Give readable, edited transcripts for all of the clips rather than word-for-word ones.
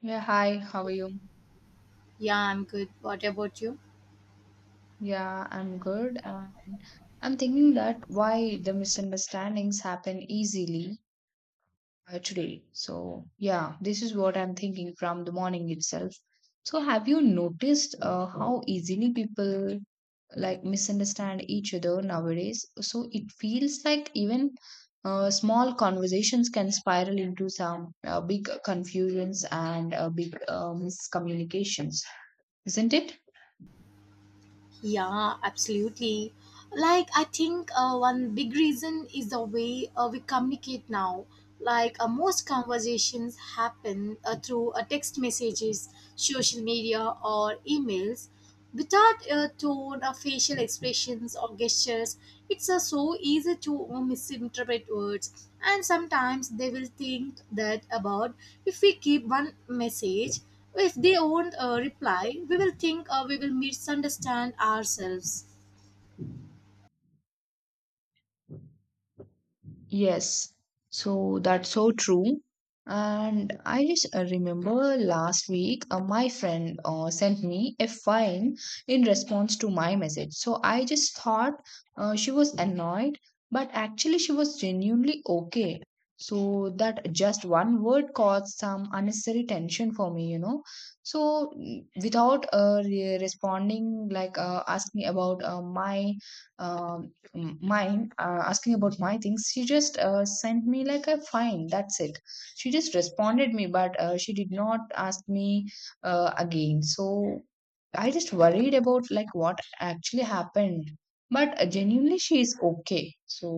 Yeah, hi, how are you? Yeah, I'm good. What about you? Yeah, I'm good. And I'm thinking that why the misunderstandings happen easily today. So, yeah, this is what I'm thinking from the morning itself. So, have you noticed how easily people like misunderstand each other nowadays? So, it feels like even small conversations can spiral into some big confusions and big miscommunications, isn't it? Yeah, absolutely. Like, I think one big reason is the way we communicate now. Like, most conversations happen through text messages, social media, or emails. Without tone or facial expressions or gestures, it's so easy to misinterpret words. And sometimes they will think that about if we keep one message. If they won't reply, we will think we will misunderstand ourselves. Yes, so that's so true. And I just remember last week, my friend sent me a file in response to my message. So I just thought she was annoyed, but actually, she was genuinely okay. So that just one word caused some unnecessary tension for me. So without responding, like asking about my um mine asking about my things, she just sent me like a fine, that's it. She just responded me, but she did not ask me again. So I just worried about like what actually happened, but genuinely she is okay. So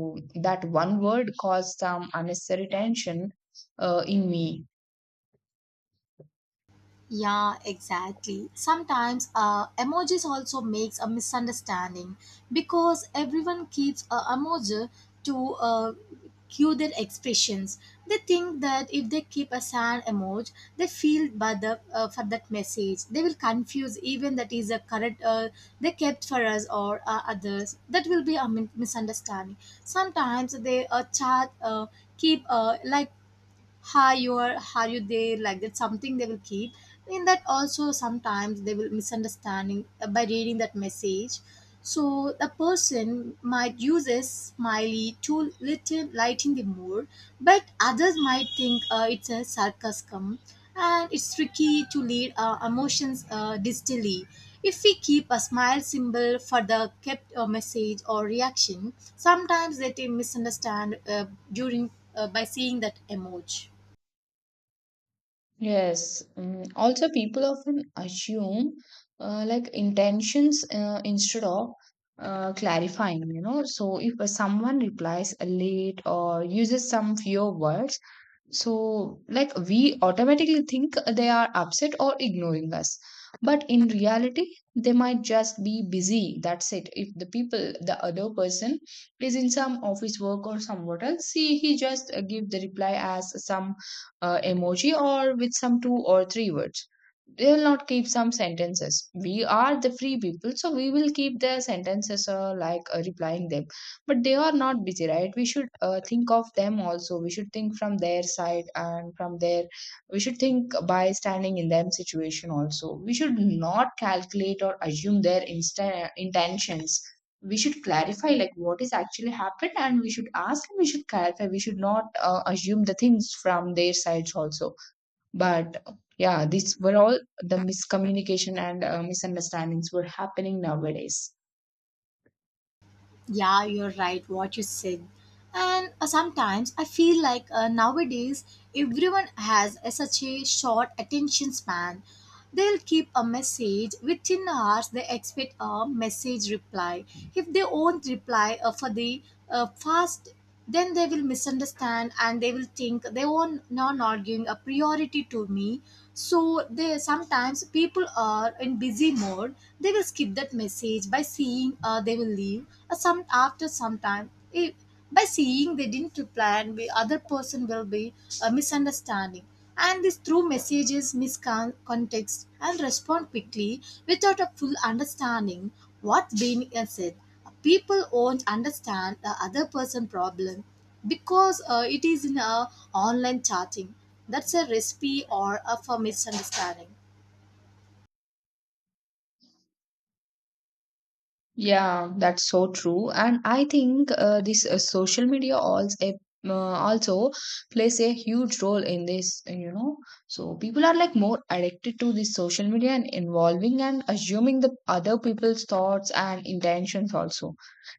that one word caused some unnecessary tension in me. Yeah, exactly. Sometimes emojis also makes a misunderstanding because everyone keeps a emoji to cue their expressions. They think that if they keep a sad emoji, they feel bad for that message. They will confuse even that is a correct they kept for us or others. That will be a misunderstanding. Sometimes they chat keep like hi you are you there like that something they will keep in that also sometimes they will misunderstanding by reading that message. So the person might use a smiley to lighten the mood, but others might think it's a sarcasm, and it's tricky to lead emotions distally if we keep a smile symbol for the kept message or reaction. Sometimes they misunderstand during by seeing that emoji. Yes. Also, people often assume like intentions instead of clarifying. So, if someone replies late or uses some few words, so like we automatically think they are upset or ignoring us. But in reality, they might just be busy. That's it. If the people, the other person is in some office work or somewhat else, see, he just give the reply as some emoji or with some two or three words. They will not keep some sentences. We are the free people, so we will keep their sentences like replying them. But they are not busy, right? We should think of them also. We should think from their side and from their. We should think by standing in them situation also. We should not calculate or assume their intentions. We should clarify like what is actually happened, and we should ask, and we should clarify. We should not assume the things from their sides also. But yeah, these were all the miscommunication and misunderstandings were happening nowadays. Yeah, you're right, what you said. And sometimes I feel like nowadays everyone has a, such a short attention span. They'll keep a message within hours, they expect a message reply. If they won't reply for the fast, then they will misunderstand and they will think they were not arguing a priority to me. So they sometimes people are in busy mode, they will skip that message by seeing they will leave some after some time if, by seeing they didn't reply, and the other person will be misunderstanding. And this through messages miscontext and respond quickly without a full understanding what's being said. People won't understand the other person problem because it is in a online chatting. That's a recipe or a for misunderstanding. Yeah, that's so true. And I think this social media also plays a huge role in this. So people are like more addicted to this social media and involving and assuming the other people's thoughts and intentions also.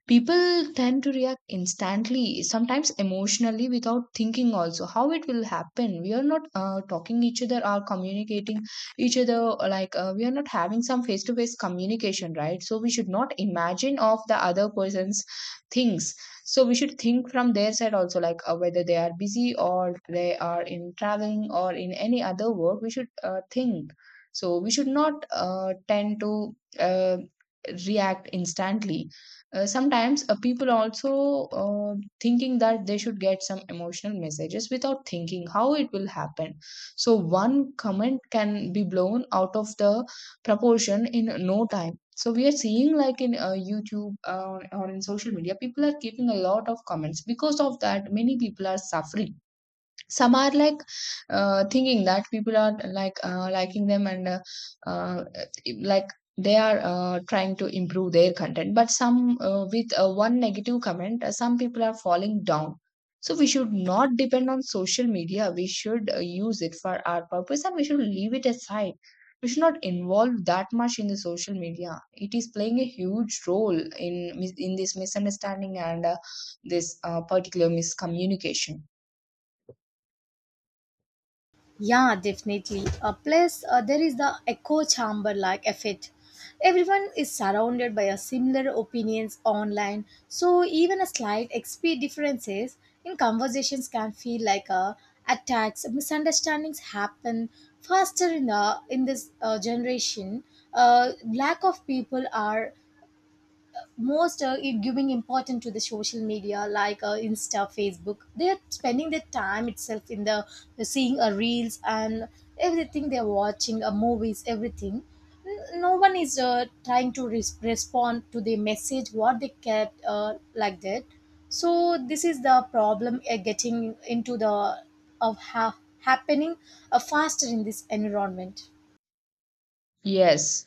People tend to react instantly, sometimes emotionally without thinking also how it will happen. We are not talking each other or communicating each other. Like we are not having some face to face communication, right? So we should not imagine of the other person's things. So we should think from their side also, like whether they are busy or they are in traveling or in any other work, we should think. So we should not tend to react instantly. Sometimes people also thinking that they should get some emotional messages without thinking how it will happen. So one comment can be blown out of the proportion in no time. So we are seeing like in YouTube or in social media, people are keeping a lot of comments. Because of that, many people are suffering. Some are like thinking that people are like liking them and uh, like they are trying to improve their content, but some with one negative comment some people are falling down. So we should not depend on social media. We should use it for our purpose and we should leave it aside. We should not involve that much in the social media. It is playing a huge role in in this misunderstanding and this particular miscommunication. Yeah, definitely. Plus, there is the echo chamber like effect. Everyone is surrounded by a similar opinions online, so even a slight XP differences in conversations can feel like attacks. Misunderstandings happen faster in this generation. Lack of people are most it giving important to the social media like insta, facebook. They're spending their time itself in the seeing reels and everything, they're watching movies, everything. No one is trying to respond to the message what they kept like that. So this is the problem getting into the of happening faster in this environment. Yes.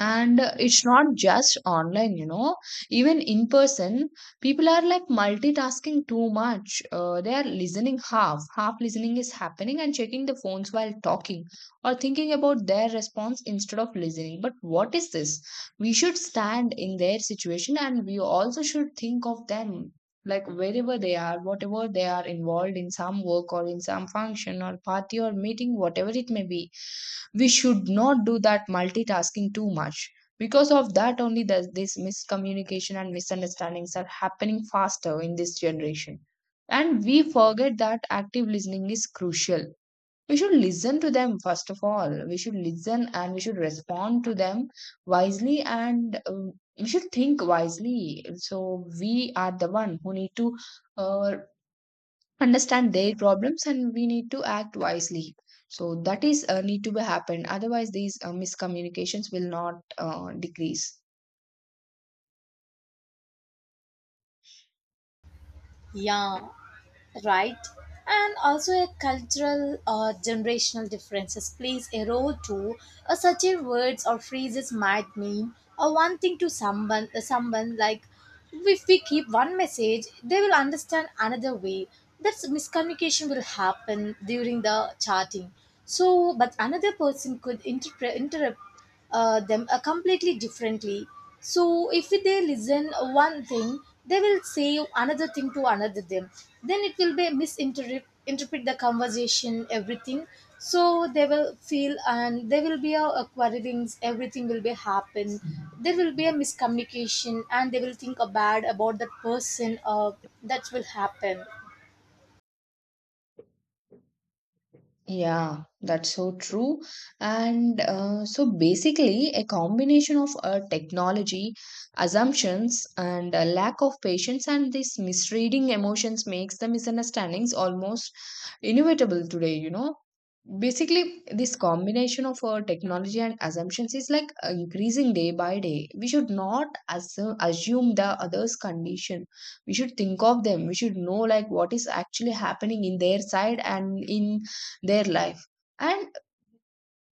And it's not just online, even in person, people are like multitasking too much. They are listening half, half listening is happening and checking the phones while talking or thinking about their response instead of listening. But what is this? We should stand in their situation and we also should think of them. Like wherever they are, whatever they are involved in some work or in some function or party or meeting, whatever it may be, we should not do that multitasking too much. Because of that only, this miscommunication and misunderstandings are happening faster in this generation. And we forget that active listening is crucial. We should listen to them, first of all we should listen and we should respond to them wisely. And we should think wisely. So we are the one who need to uh, understand their problems and we need to act wisely. So that is need to be happened, otherwise these miscommunications will not decrease. Yeah, right. And also a cultural or generational differences plays a role too. Such a words or phrases might mean one thing to someone someone like if we keep one message, they will understand another way. That's miscommunication will happen during the chatting. So but another person could interpret interrupt them completely differently. So if they listen one thing, they will say another thing to another them. Then it will be misinterpret interpret the conversation, everything. So they will feel and there will be a quarrelings. Everything will be happen. There will be a miscommunication, and they will think a bad about that person. That will happen. Yeah, that's so true. And so basically, a combination of technology, assumptions, and a lack of patience, and these misreading emotions makes the misunderstandings almost inevitable today. Basically, this combination of technology and assumptions is like increasing day by day. We should not assume the other's condition. We should think of them. We should know like what is actually happening in their side and in their life, and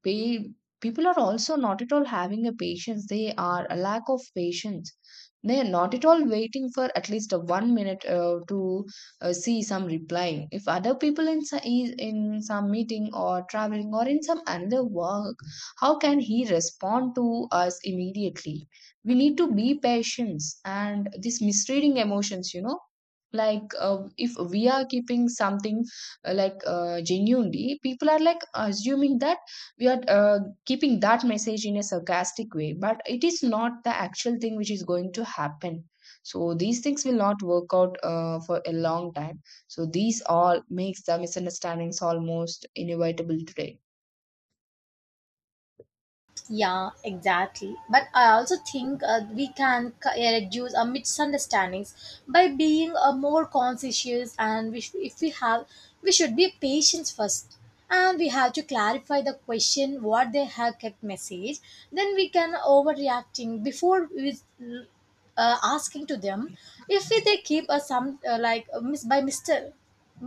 Pe- people are also not at all having a patience. They are a lack of patience. They are not at all waiting for at least a 1 minute to see some reply. If other people in is in some meeting or traveling or in some another work, how can he respond to us immediately? We need to be patient, and this misreading emotions. Like if we are keeping something like genuinely, people are like assuming that we are keeping that message in a sarcastic way, but it is not the actual thing which is going to happen. So these things will not work out for a long time. So these all makes the misunderstandings almost inevitable today. Yeah, exactly. But I also think we can reduce our misunderstandings by being more conscientious, and if we have, we should be patient first, and we have to clarify the question what they have kept message. Then we can overreacting before we asking to them. If they keep a some like by mister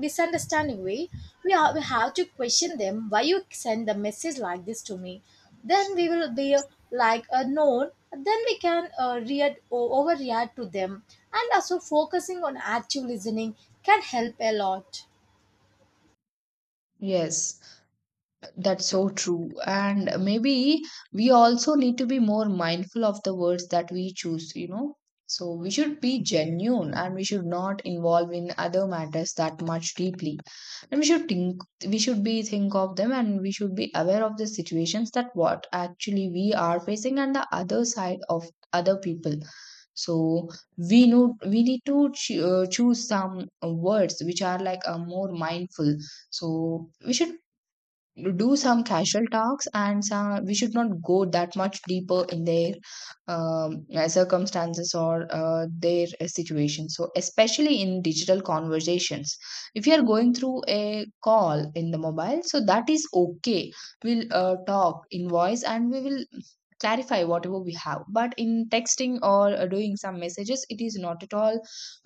misunderstanding way, we, we have to question them, why you send the message like this to me. Then we will be like a known. Then we can react or overreact to them. And also focusing on active listening can help a lot. Yes, that's so true. And maybe we also need to be more mindful of the words that we choose. So we should be genuine and we should not involve in other matters that much deeply. And we should be think of them and we should be aware of the situations that what actually we are facing and the other side of other people. So we know we need to choose some words which are like more mindful. So we should do some casual talks and some, we should not go that much deeper in their circumstances or their situation. So especially in digital conversations, if you are going through a call in the mobile, so that is okay, we'll talk in voice and we will clarify whatever we have. But in texting or doing some messages, it is not at all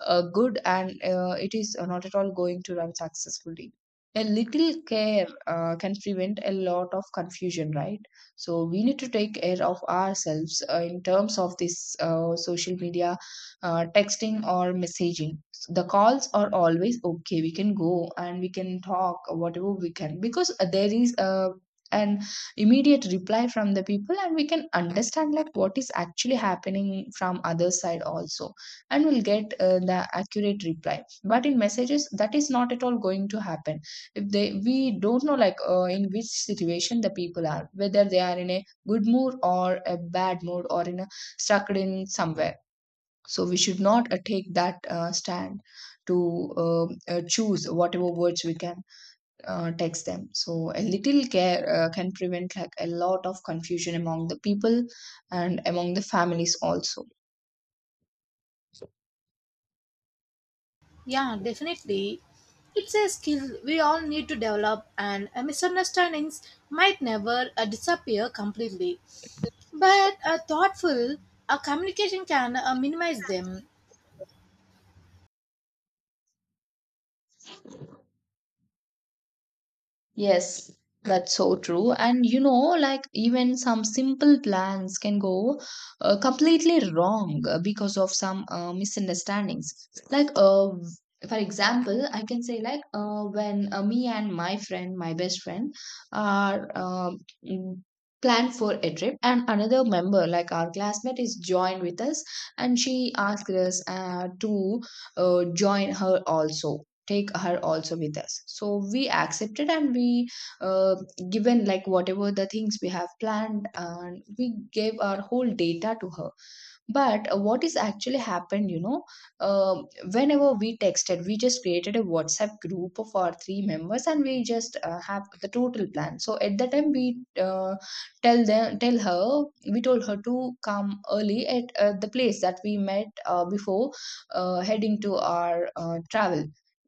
good and it is not at all going to run successfully. A little care can prevent a lot of confusion, right? So we need to take care of ourselves in terms of this social media, texting or messaging. The calls are always okay. We can go and we can talk whatever we can, because there is an immediate reply from the people, and we can understand like what is actually happening from other side also. And we'll get the accurate reply, but in messages that is not at all going to happen. If they we don't know like in which situation the people are, whether they are in a good mood or a bad mood or in a stuck in somewhere. So we should not take that stand to uh, choose whatever words we can text them. So a little care can prevent like a lot of confusion among the people and among the families also. Yeah, definitely. It's a skill we all need to develop, and misunderstandings might never disappear completely. But a thoughtful a communication can minimize them. Yes, that's so true. And like even some simple plans can go completely wrong because of some misunderstandings. Like, for example, I can say like when me and my friend, my best friend, are mm, planned for a trip, and another member, like our classmate, is joined with us, and she asked us to join her also, take her also with us. So we accepted and we uh, given like whatever the things we have planned, and we gave our whole data to her. But what is actually happened, uh, whenever we texted, we just created a WhatsApp group of our three members, and we just have the total plan. So at the time, we tell her, we told her to come early at the place that we met before heading to our travel.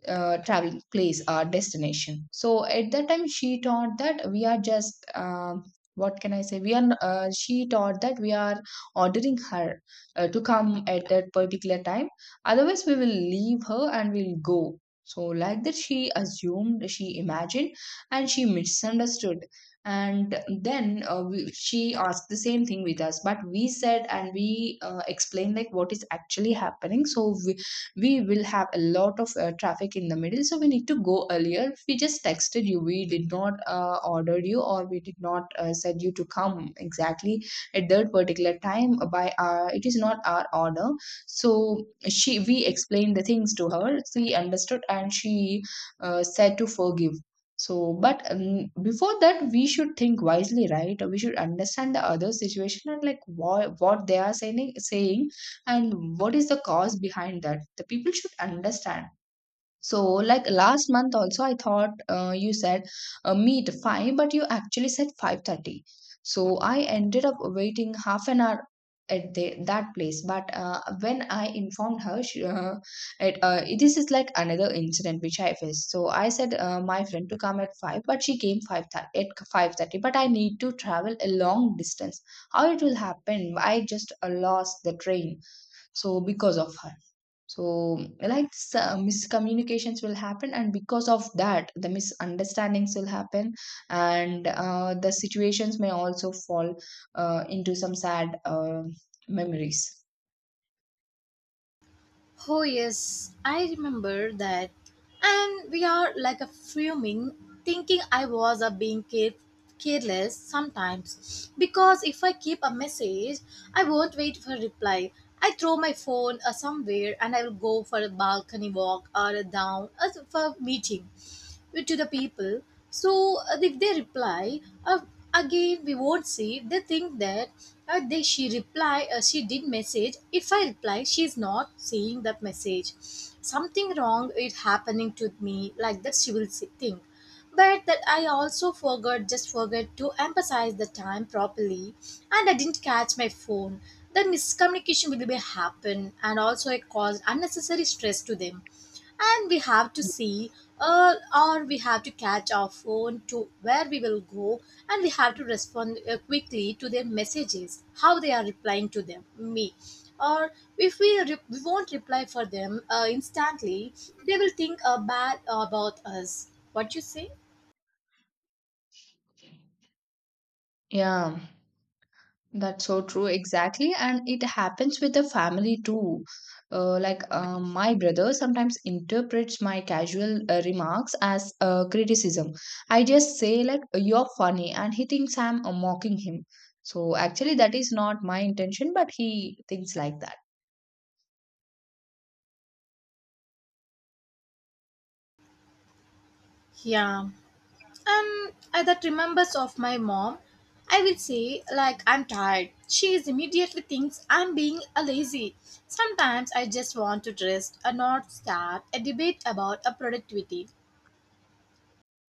Traveling place, our destination. So at that time she thought that we are just what can I say, she thought that we are ordering her to come at that particular time, otherwise we will leave her and we'll go. So like that, she assumed, she imagined, and she misunderstood. And then she asked the same thing with us, but we said and we explained like what is actually happening. So we will have a lot of traffic in the middle, so we need to go earlier. We just texted you, we did not ordered you or we did not said you to come exactly at that particular time by our. It is not our order. So she we explained the things to her, she understood, and she said to forgive. So but before that we should think wisely, right? We should understand the other situation, and like what they are saying, and what is the cause behind that the people should understand. So, like last month also, I thought you said meet 5, but you actually said 5:30. So I ended up waiting half an hour at that place. But when I informed her, she, it this is like another incident which I faced. So I said my friend to come at 5, but she came at 5:30. But I need to travel a long distance. How it will happen? I just lost the train. So because of her. So like miscommunications will happen, and because of that the misunderstandings will happen. And the situations may also fall into some sad memories. Oh yes, I remember that. And we are like a fuming, thinking I was a being careless sometimes. Because if I keep a message, I won't wait for reply. I throw my phone somewhere and I will go for a balcony walk or a down for meeting to the people. So if they reply, again, we won't see. They think that they, she reply, she did message. If I reply, she's not seeing that message. Something wrong is happening to me. Like that, she will see, think. But that I also forgot, just forgot to emphasize the time properly, and I didn't catch my phone. Then miscommunication will be happen, and also it caused unnecessary stress to them. And we have to see uh, or we have to catch our phone to where we will go. And we have to respond quickly to their messages how they are replying to them me. Or if we, we won't reply for them instantly, they will think bad about us, what you say. Yeah. That's so true, exactly. And it happens with the family too. Like my brother sometimes interprets my casual remarks as criticism. I just say like you're funny, and he thinks I'm mocking him. So actually, that is not my intention, but he thinks like that. Yeah. I that remembers of my mom. I will say like I'm tired. She is immediately thinks I'm being a lazy. Sometimes I just want to rest and not start a debate about a productivity.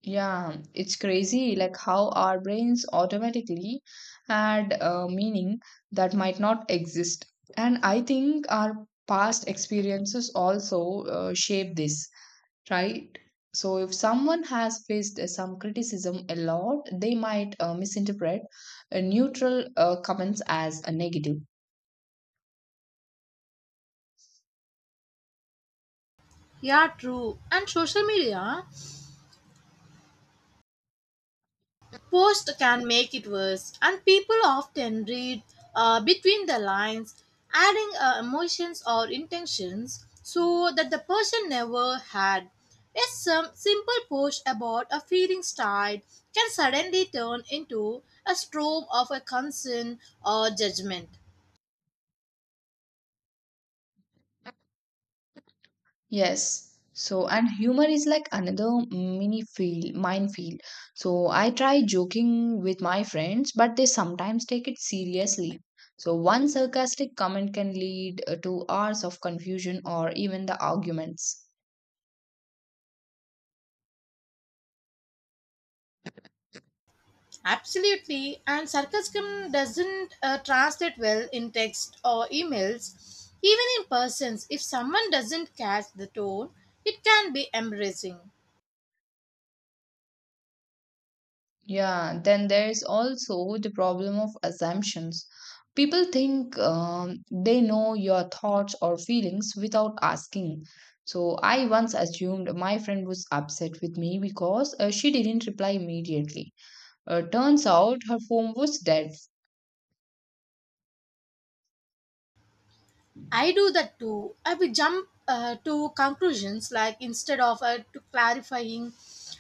Yeah, it's crazy like how our brains automatically add a meaning that might not exist. And I think our past experiences also shape this, right? So if someone has faced some criticism a lot, they might misinterpret neutral comments as a negative. Yeah, true. And social media post can make it worse, and people often read between the lines, adding emotions or intentions so that the person never had. A some simple post about a feeling style can suddenly turn into a storm of a concern or judgment. Yes. So, and humor is like another minefield. So, I try joking with my friends, but they sometimes take it seriously. So, one sarcastic comment can lead to hours of confusion or even the arguments. Absolutely, and sarcasm doesn't translate well in text or emails, even in persons. If someone doesn't catch the tone, it can be embarrassing. Yeah, then there is also the problem of assumptions. People think they know your thoughts or feelings without asking. So I once assumed my friend was upset with me because she didn't reply immediately. Turns out her phone was dead. I do that too. I will jump to conclusions like instead of to clarifying,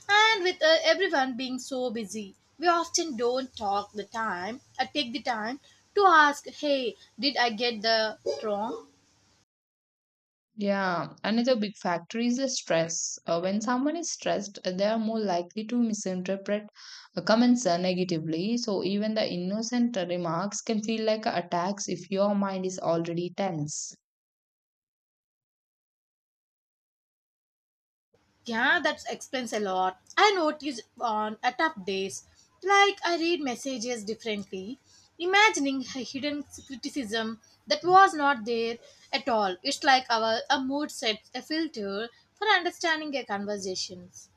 and with everyone being so busy, we often don't talk the time. I take the time to ask, "Hey, did I get the wrong?" Yeah, another big factor is the stress. When someone is stressed, they are more likely to misinterpret comments negatively. So even the innocent remarks can feel like attacks if your mind is already tense. Yeah, that explains a lot. I notice on a tough days, like I read messages differently, imagining a hidden criticism that was not there at all. It's like our a mood sets a filter for understanding a conversations.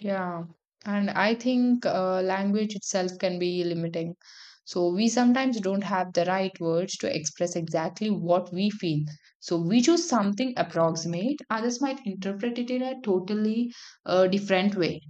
Yeah, and I think language itself can be limiting. So we sometimes don't have the right words to express exactly what we feel. So we choose something approximate, others might interpret it in a totally different way.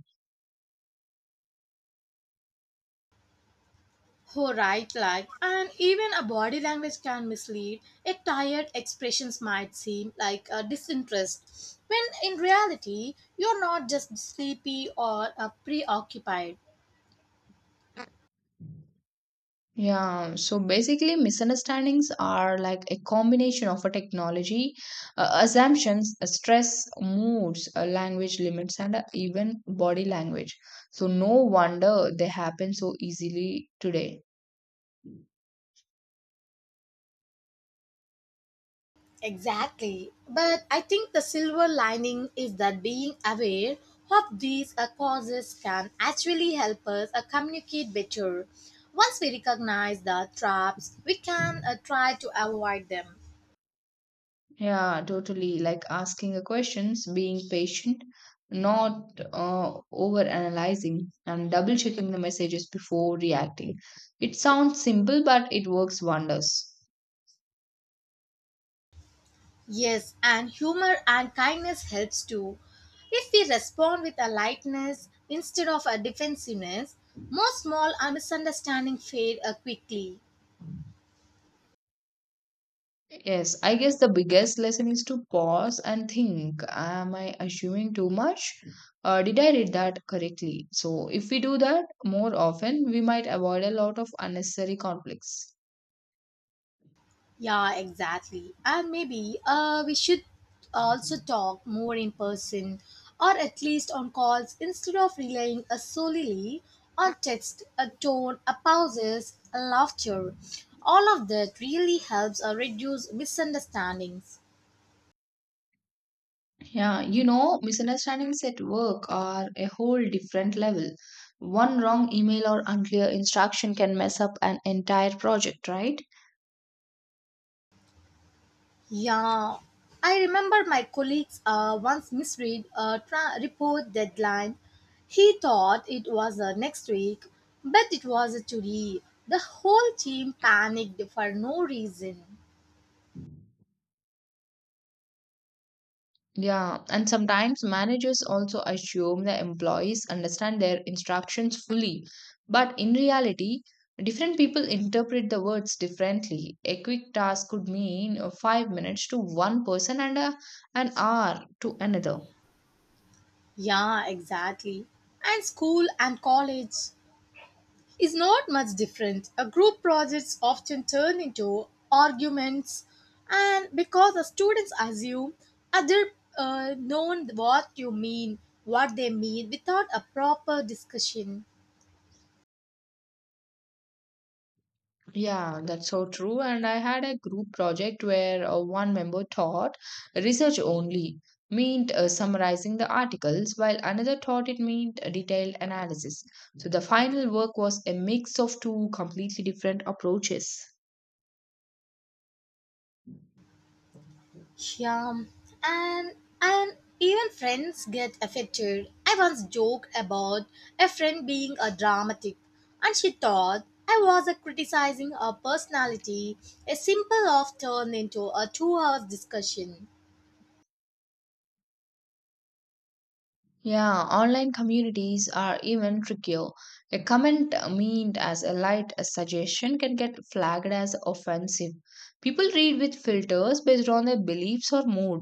Oh, right, like, and even a body language can mislead. A tired expressions might seem like a disinterest, when in reality, you're not just sleepy or preoccupied. Yeah, so basically, misunderstandings are like a combination of a technology, assumptions, stress, moods, language limits, and even body language. So, no wonder they happen so easily today. Exactly. But I think the silver lining is that being aware of these causes can actually help us communicate better. Once we recognize the traps, we can try to avoid them. Yeah, totally. Like asking a questions, being patient, not over analyzing, and double checking the messages before reacting. It sounds simple, but it works wonders. Yes, and humor and kindness helps too. If we respond with a lightness instead of a defensiveness, more small misunderstanding fade quickly. Yes, I guess the biggest lesson is to pause and think. Am I assuming too much? Did I read that correctly? So, if we do that more often, we might avoid a lot of unnecessary conflicts. Yeah, exactly. And maybe we should also talk more in person or at least on calls instead of relying solely on text, a tone, a pauses, a laughter. All of that really helps reduce misunderstandings. Yeah, misunderstandings at work are a whole different level. One wrong email or unclear instruction can mess up an entire project, right? Yeah, I remember my colleagues once misread a report deadline. He thought it was next week, but it was today. The whole team panicked for no reason. Yeah, and sometimes managers also assume the employees understand their instructions fully. But in reality, different people interpret the words differently. A quick task could mean 5 minutes to one person and an hour to another. Yeah, exactly. And school and college is not much different. A group projects often turn into arguments, and because the students assume other known what you mean, what they mean, without a proper discussion. Yeah, that's so true. And I had a group project where one member taught research only, meant summarizing the articles, while another thought it meant a detailed analysis. So the final work was a mix of two completely different approaches. Yeah, and and even friends get affected. I once joked about a friend being a dramatic, and she thought I was a criticizing her personality. A simple off turned into a 2-hour discussion. Yeah, online communities are even trickier. A comment meant as a light a suggestion can get flagged as offensive. People read with filters based on their beliefs or mood.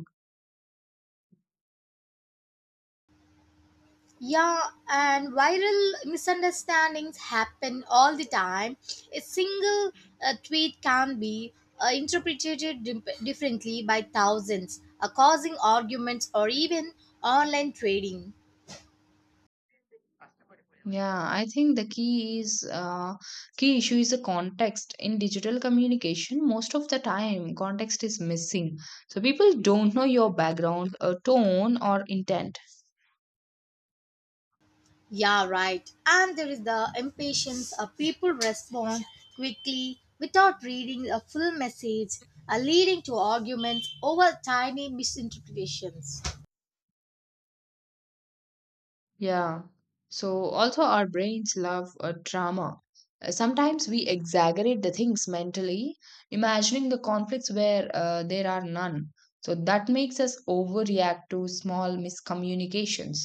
Yeah, and viral misunderstandings happen all the time. A single tweet can be interpreted differently by thousands, causing arguments or even online trading. Yeah, I think the key is key issue is the context in digital communication. Most of the time, context is missing, so people don't know your background, tone, or intent. Yeah, right. And there is the impatience of people respond quickly without reading a full message, leading to arguments over tiny misinterpretations. Yeah. So also, our brains love drama. Sometimes we exaggerate the things mentally, imagining the conflicts where there are none. So that makes us overreact to small miscommunications.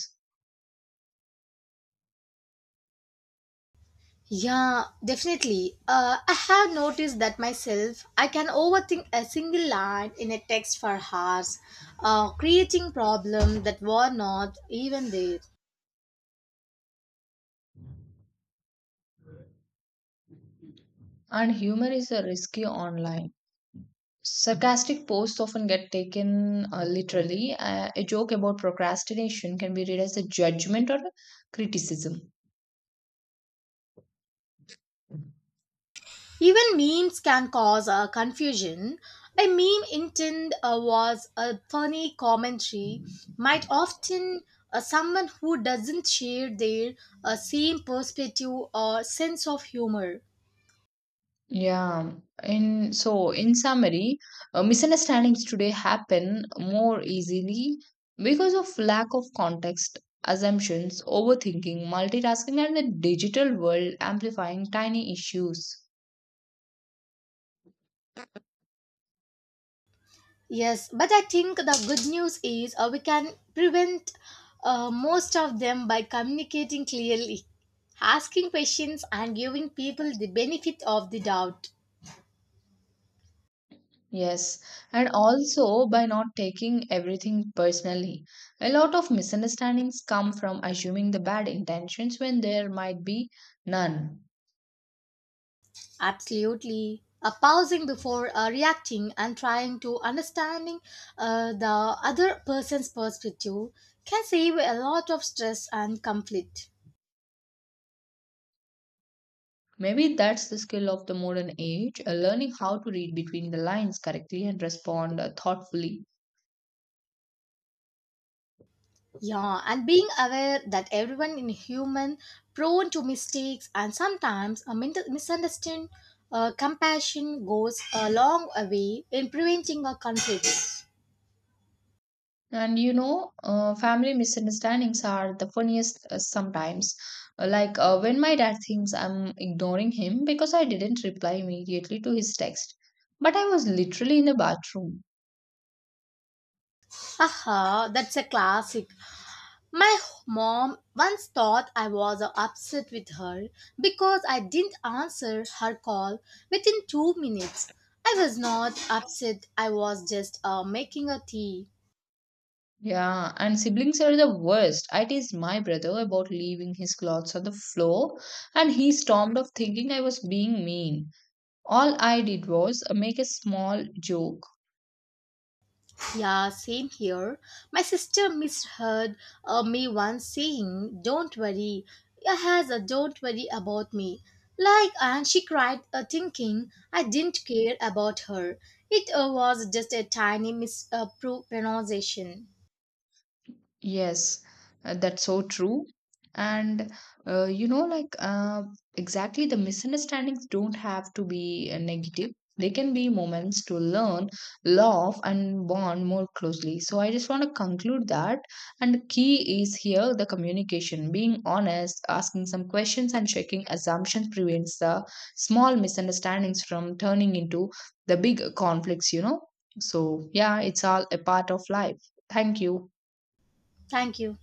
Yeah, definitely. I have noticed that myself. I can overthink a single line in a text for hours, creating problems that were not even there. And humor is a risky online. Sarcastic posts often get taken literally. A joke about procrastination can be read as a judgment or a criticism. Even memes can cause confusion. A meme intent was a funny commentary, might often someone who doesn't share their same perspective or sense of humor. Yeah, in so in summary, misunderstandings today happen more easily because of lack of context, assumptions, overthinking, multitasking, and the digital world amplifying tiny issues. Yes, but I think the good news is we can prevent most of them by communicating clearly, asking questions, and giving people the benefit of the doubt. Yes, and also by not taking everything personally. A lot of misunderstandings come from assuming the bad intentions when there might be none. Absolutely. Pausing before reacting and trying to understanding the other person's perspective can save a lot of stress and conflict. Maybe that's the skill of the modern age, learning how to read between the lines correctly and respond thoughtfully. Yeah, and being aware that everyone in human prone to mistakes and sometimes a misunderstanding, compassion goes a long way in preventing a conflict. And family misunderstandings are the funniest sometimes. Like when my dad thinks I'm ignoring him because I didn't reply immediately to his text, but I was literally in the bathroom. Haha, that's a classic. My mom once thought I was upset with her because I didn't answer her call within 2 minutes. I was not upset, I was just making a tea. Yeah, and siblings are the worst. I teased my brother about leaving his clothes on the floor, and he stormed off thinking I was being mean. All I did was make a small joke. Yeah, same here. My sister misheard me once saying, Don't worry, has a don't worry about me. Like, and she cried, thinking I didn't care about her. It was just a tiny mispronunciation. Pronunciation. Yes, that's so true. And like exactly the misunderstandings don't have to be negative. They can be moments to learn, love, and bond more closely. So I just want to conclude that. And the key is here the communication, being honest, asking some questions, and checking assumptions prevents the small misunderstandings from turning into the big conflicts. So yeah, it's all a part of life. Thank you. Thank you.